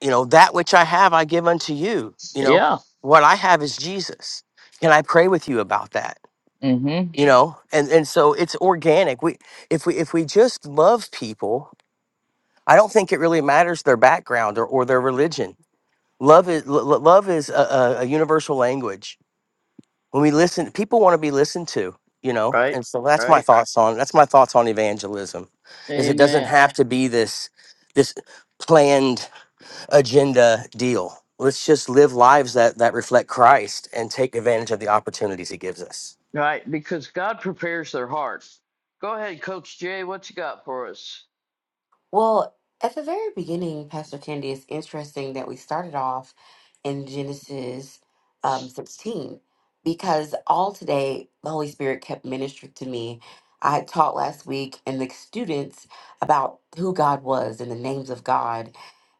you know that which i have i give unto you you know yeah what i have is jesus can i pray with you about that mm-hmm you know and and so it's organic we if we if we just love people i don't think it really matters their background or, or their religion love is lo- lo- love is a, a a universal language when we listen people want to be listened to you know right and so that's my right thoughts on that's my thoughts on evangelism is it doesn't amen have to be this this planned agenda deal let's just live lives that that reflect christ and take advantage of the opportunities he gives us right because god prepares their hearts. go ahead coach jay what you got for us Well, at the very beginning, Pastor Candy, it's interesting that we started off in Genesis um, 16 because all today the Holy Spirit kept ministering to me. I had taught last week and the students about who God was and the names of God.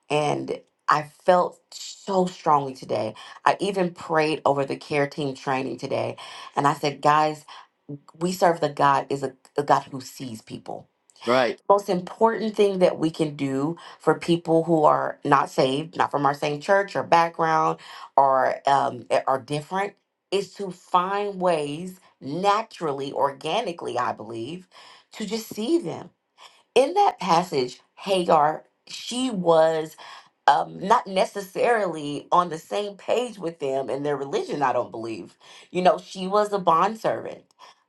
And I felt so strongly today. I even prayed over the care team training today. And I said, guys, we serve the God is a, a God who sees people right most important thing that we can do for people who are not saved, not from our same church or background, or um, a- are different, is to find ways naturally, organically, I believe, to just see them. In that passage, Hagar, she was um, not necessarily on the same page with them in their religion, I don't believe. You know, she was a bondservant,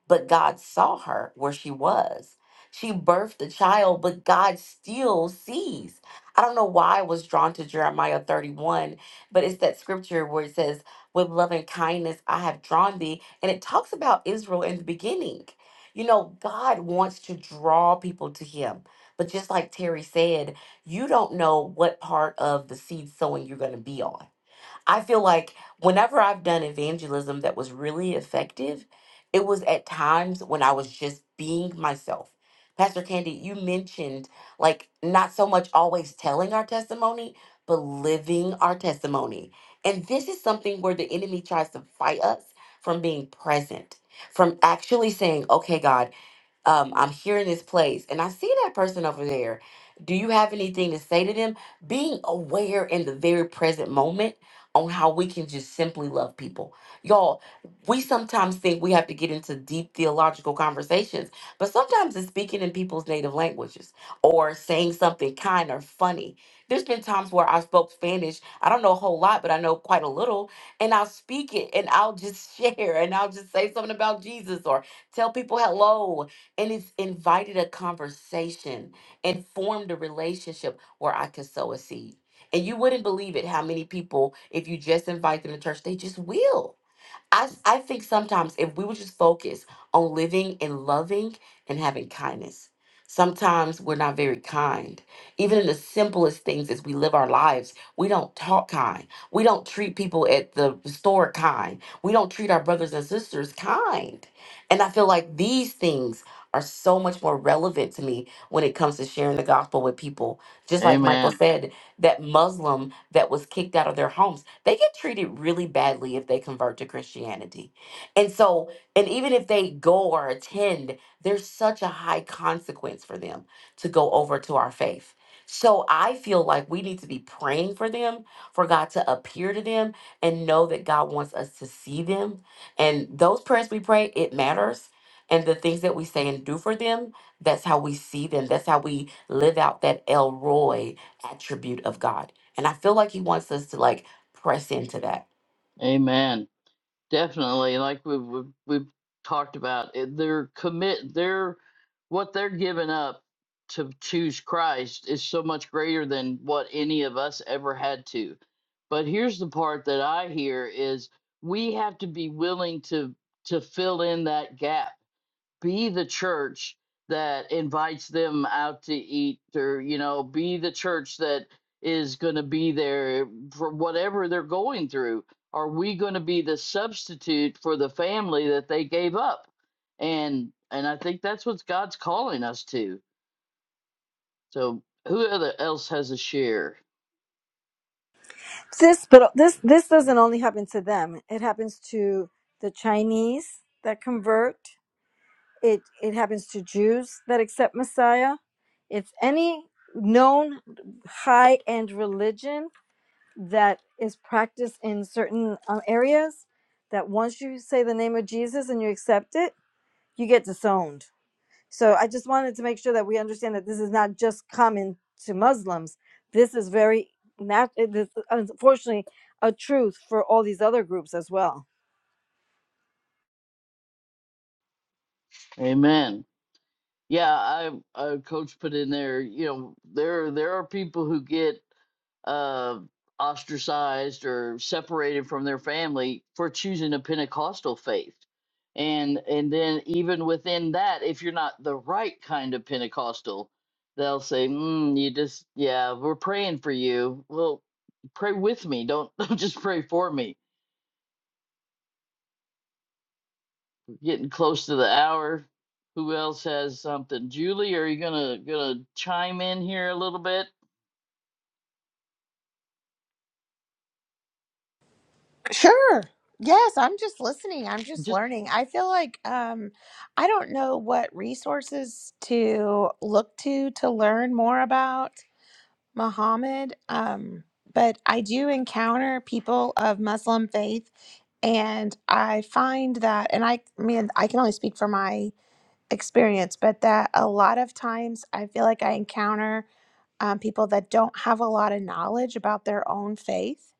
but God saw her where she was. She birthed a child, but God still sees. I don't know why I was drawn to Jeremiah 31, but it's that scripture where it says, With love and kindness I have drawn thee. And it talks about Israel in the beginning. You know, God wants to draw people to him. But just like Terry said, you don't know what part of the seed sowing you're going to be on. I feel like whenever I've done evangelism that was really effective, it was at times when I was just being myself. Pastor Candy, you mentioned like not so much always telling our testimony, but living our testimony. And this is something where the enemy tries to fight us from being present, from actually saying, okay, God, um, I'm here in this place and I see that person over there. Do you have anything to say to them? Being aware in the very present moment on how we can just simply love people. Y'all, we sometimes think we have to get into deep theological conversations, but sometimes it's speaking in people's native languages or saying something kind or funny. There's been times where I spoke Spanish. I don't know a whole lot, but I know quite a little. And I'll speak it and I'll just share and I'll just say something about Jesus or tell people hello and it's invited a conversation and formed a relationship where I could sow a seed. And you wouldn't believe it how many people, if you just invite them to church, they just will I I think sometimes if we would just focus on living and loving and having kindness, sometimes we're not very kind. Even in the simplest things as we live our lives, we don't talk kind. We don't treat people at the store kind. We don't treat our brothers and sisters kind. And I feel like these things are so much more relevant to me when it comes to sharing the gospel with people. Just like Michael amen said, that Muslim that was kicked out of their homes. They get treated really badly if they convert to Christianity. And so, and even if they go or attend, there's such a high consequence for them to go over to our faith. So I feel like we need to be praying for them, for God to appear to them and know that God wants us to see them. And those prayers we pray, it matters. And the things that we say and do for them, that's how we see them. That's how we live out that El Roy attribute of God. And I feel like he wants us to like Press into that. amen Definitely, like we've we've, we've talked about, it, they're commit they're what they're giving up to choose Christ is so much greater than what any of us ever had to. But here's the part that I hear is we have to be willing to to fill in that gap be the church that invites them out to eat or you know be the church that is going to be there for whatever they're going through are we going to be the substitute for the family that they gave up and and i think that's what god's calling us to so who other else has a share This, but uh, this this doesn't only happen to them. It happens to the Chinese that convert. It it happens to Jews that accept Messiah. It's any known high end religion that is practiced in certain um, areas. That once you say the name of Jesus and you accept it, you get disowned. So I just wanted to make sure that we understand that this is not just common to Muslims. This is very nat- it is unfortunately a truth for all these other groups as well. amen yeah i uh, coach put in there you know there there are people who get uh, ostracized or separated from their family for choosing a Pentecostal faith. And and then even within that, if you're not the right kind of Pentecostal, they'll say, mm, "You just yeah, we're praying for you." Well, pray with me. Don't don't just pray for me. Getting close to the hour. Who else has something? Julie, are you gonna gonna chime in here a little bit? Sure. Yes, I'm just listening. I'm just Just learning. I feel like um I don't know what resources to look to to learn more about Muhammad. Um but I do encounter people of Muslim faith and I find that and I I mean I can only speak for my experience, but that a lot of times I feel like I encounter um, people that don't have a lot of knowledge about their own faith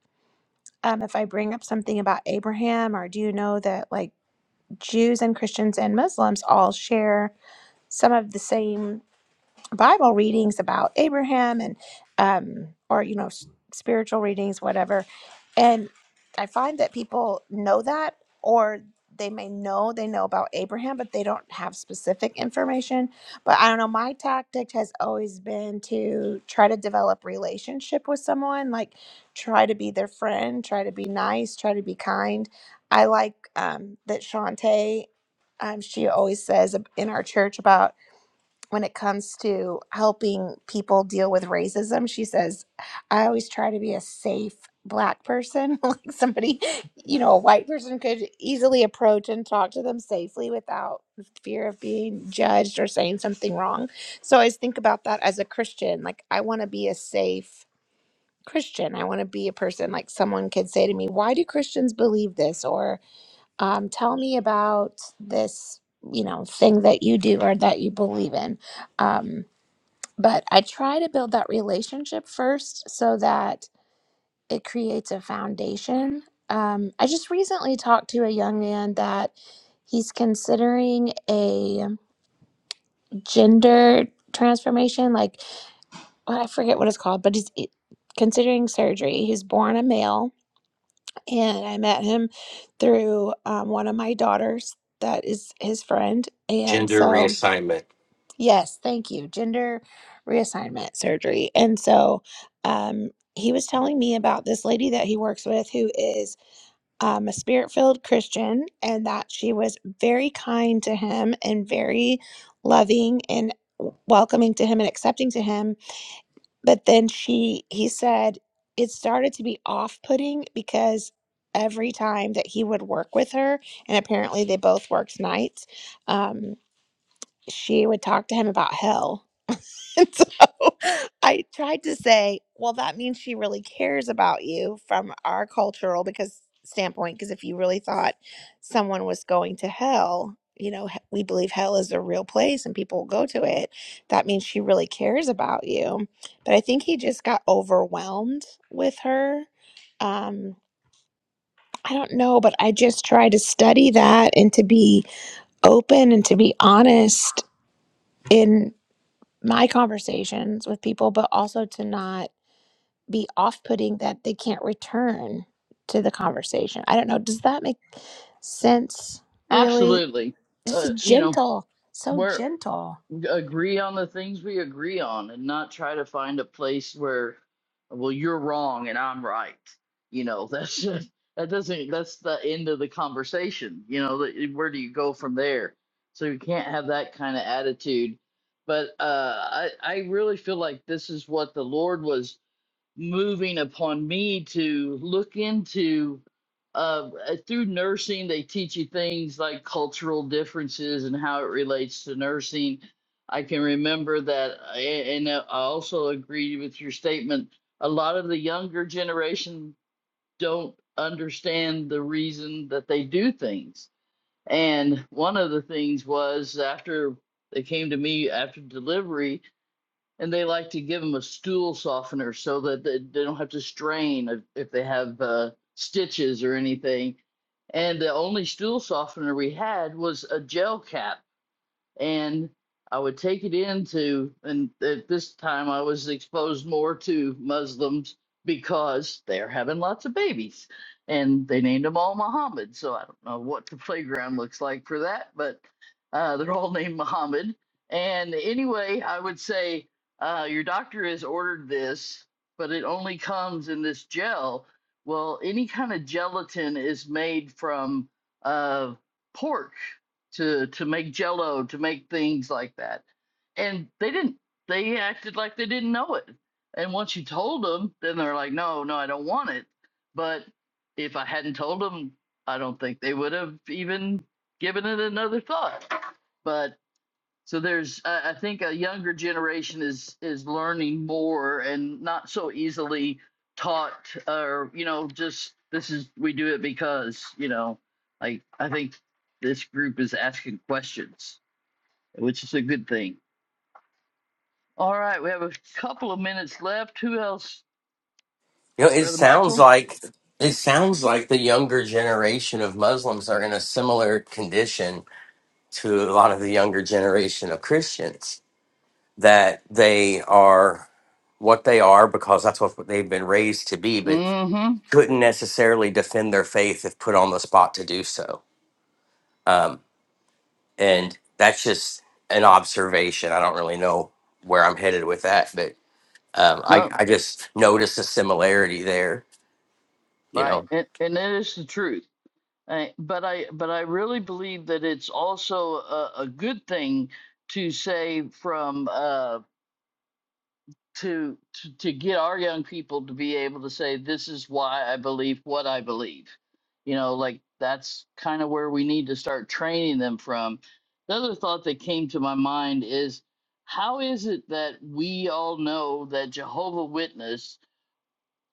um, if I bring up something about Abraham, or do you know that like Jews and Christians and Muslims all share some of the same? Bible readings about Abraham and um or you know s- spiritual readings whatever and I find that people know that or they may know they know about Abraham but they don't have specific information but I don't know my tactic has always been to try to develop relationship with someone like try to be their friend try to be nice try to be kind I like um that Shantae um she always says ab- in our church about when it comes to helping people deal with racism. She says, I always try to be a safe black person, like somebody, you know, a white person could easily approach and talk to them safely without fear of being judged or saying something wrong. So I always think about that as a Christian. Like, I want to be a safe Christian. I want to be a person like someone could say to me, Why do Christians believe this? Or um, tell me about this, you know, thing that you do or that you believe in. Um, but I try to build that relationship first so that it creates a foundation. Um, I just recently talked to a young man that he's considering a gender transformation, like well, I forget what it's called, but he's i- considering surgery. He's born a male, and I met him through um, one of my daughters that is his friend. And Gender so reassignment. Yes, thank you. Gender reassignment surgery. And so um, he was telling me about this lady that he works with who is um, a spirit filled Christian and that she was very kind to him and very loving and w- welcoming to him and accepting to him. But then she, he said, it started to be off putting because every time that he would work with her, and apparently they both worked nights, um, she would talk to him about hell And so I tried to say, well, that means she really cares about you from our cultural because standpoint. Because if you really thought someone was going to hell, you know, he- we believe hell is a real place and people go to it. That means she really cares about you. But I think he just got overwhelmed with her. Um, I don't know, but I just try to study that and to be open and to be honest in my conversations with people, but also to not be off putting that they can't return to the conversation. I don't know. Does that make sense, really? absolutely. Uh, Just you know, gentle, so we're. gentle. agree on the things we agree on and not try to find a place where well you're wrong and I'm right. You know, that's just, that doesn't that's the end of the conversation. You know, the- where do you go from there? So you can't have that kind of attitude. But uh I I really feel like this is what the Lord was moving upon me to look into uh, uh, through nursing they teach you things like cultural differences and how it relates to nursing i can remember that uh, and uh, i also agree with your statement a lot of the younger generation don't understand the reason that they do things and one of the things was after they came to me after delivery and they like to give them a stool softener so that they, they don't have to strain if, if they have uh, stitches or anything. And the only stool softener we had was a gel cap and I would take it into, and at this time I was exposed more to Muslims because they're having lots of babies, and they named them all Muhammad. So I don't know what the playground looks like for that, but uh, they're all named Muhammad. And anyway, I would say uh, your doctor has ordered this, but it only comes in this gel. Well, any kind of gelatin is made from uh, pork to to make jello to make things like that and they didn't they acted like they didn't know it and once you told them then they're like no no i don't want it but if i hadn't told them i don't think they would have even given it another thought But so there's, uh, I think, a younger generation is is learning more and not so easily taught, or you know, just this is we do it because you know, like I think this group is asking questions, which is a good thing. All right, we have a couple of minutes left. Who else, you know it brother sounds Michael? like it sounds like the younger generation of muslims are in a similar condition to a lot of the younger generation of christians that they are what they are because that's what they've been raised to be, but Mm-hmm. couldn't necessarily defend their faith if put on the spot to do so. Um, and that's just an observation. I don't really know where I'm headed with that, but um, I, No, I just noticed a similarity there, you right, know. and and it is the truth. I, but I but I really believe that it's also a, a good thing to say from. uh, to, to to get our young people to be able to say this is why i believe what i believe you know like that's kind of where we need to start training them from the other thought that came to my mind is how is it that we all know that jehovah witness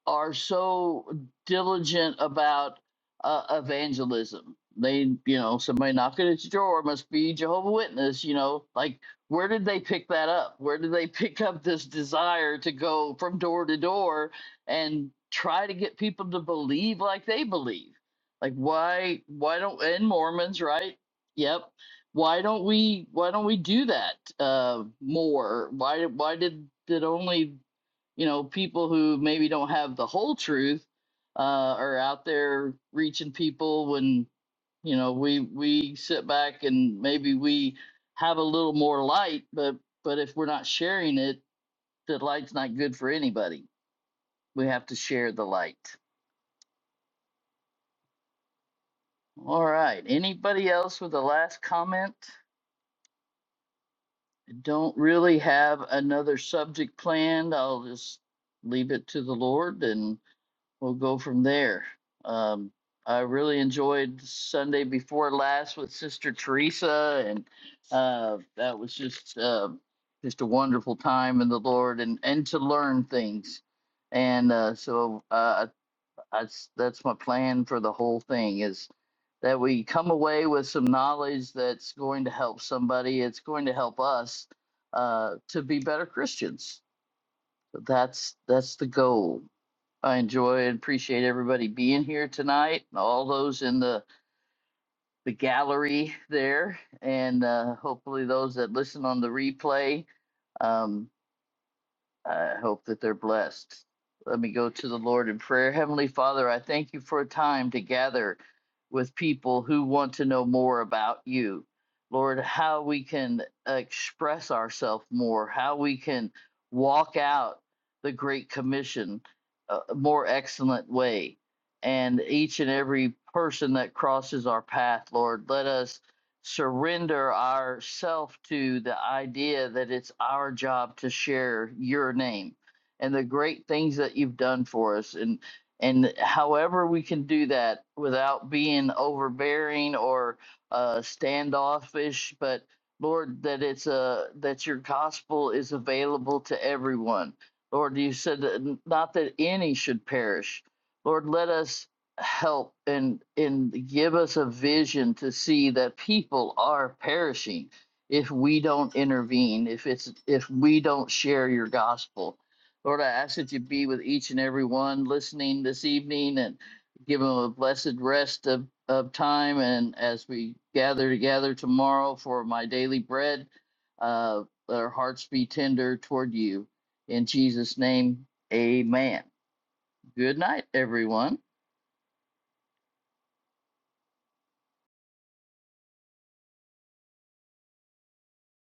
are so diligent about uh, evangelism. They, you know, somebody knocking at your door must be Jehovah Witness. You know, like where did they pick that up? Where did they pick up this desire to go from door to door and try to get people to believe like they believe? Like why? Why don't and Mormons, right? Yep. Why don't we? Why don't we do that uh, more? Why? Why did did only you know, people who maybe don't have the whole truth uh, are out there reaching people when you know we we sit back and maybe we have a little more light, but but if we're not sharing it, the light's not good for anybody. We have to share the light. All right. Anybody else with a last comment? Don't really have another subject planned. I'll just leave it to the Lord and. we'll go from there. Um, I really enjoyed Sunday before last with Sister Teresa, and uh, that was just uh, just a wonderful time in the Lord, and and to learn things. And uh, so uh, I, I, s- that's my plan for the whole thing is that we come away with some knowledge that's going to help somebody. It's going to help us uh, to be better Christians. So That's that's the goal I enjoy and appreciate everybody being here tonight, all those in the, the gallery there, and uh, hopefully those that listen on the replay. Um, I hope that they're blessed. Let me go to the Lord in prayer. Heavenly Father, I thank you for a time to gather with people who want to know more about you. Lord, how we can express ourselves more, how we can walk out the Great Commission a more excellent way. And each and every person that crosses our path, Lord, let us surrender ourself to the idea that it's our job to share your name and the great things that you've done for us and and however we can do that without being overbearing or uh, standoffish but lord that it's a that your gospel is available to everyone lord you said that n- not that any should perish lord let us help and and give us a vision to see that people are perishing if we don't intervene if it's if we don't share your gospel lord i ask that you be with each and every one listening this evening and give them a blessed rest of, of time and as we gather together tomorrow for my daily bread uh their hearts be tender toward you in jesus name amen good night everyone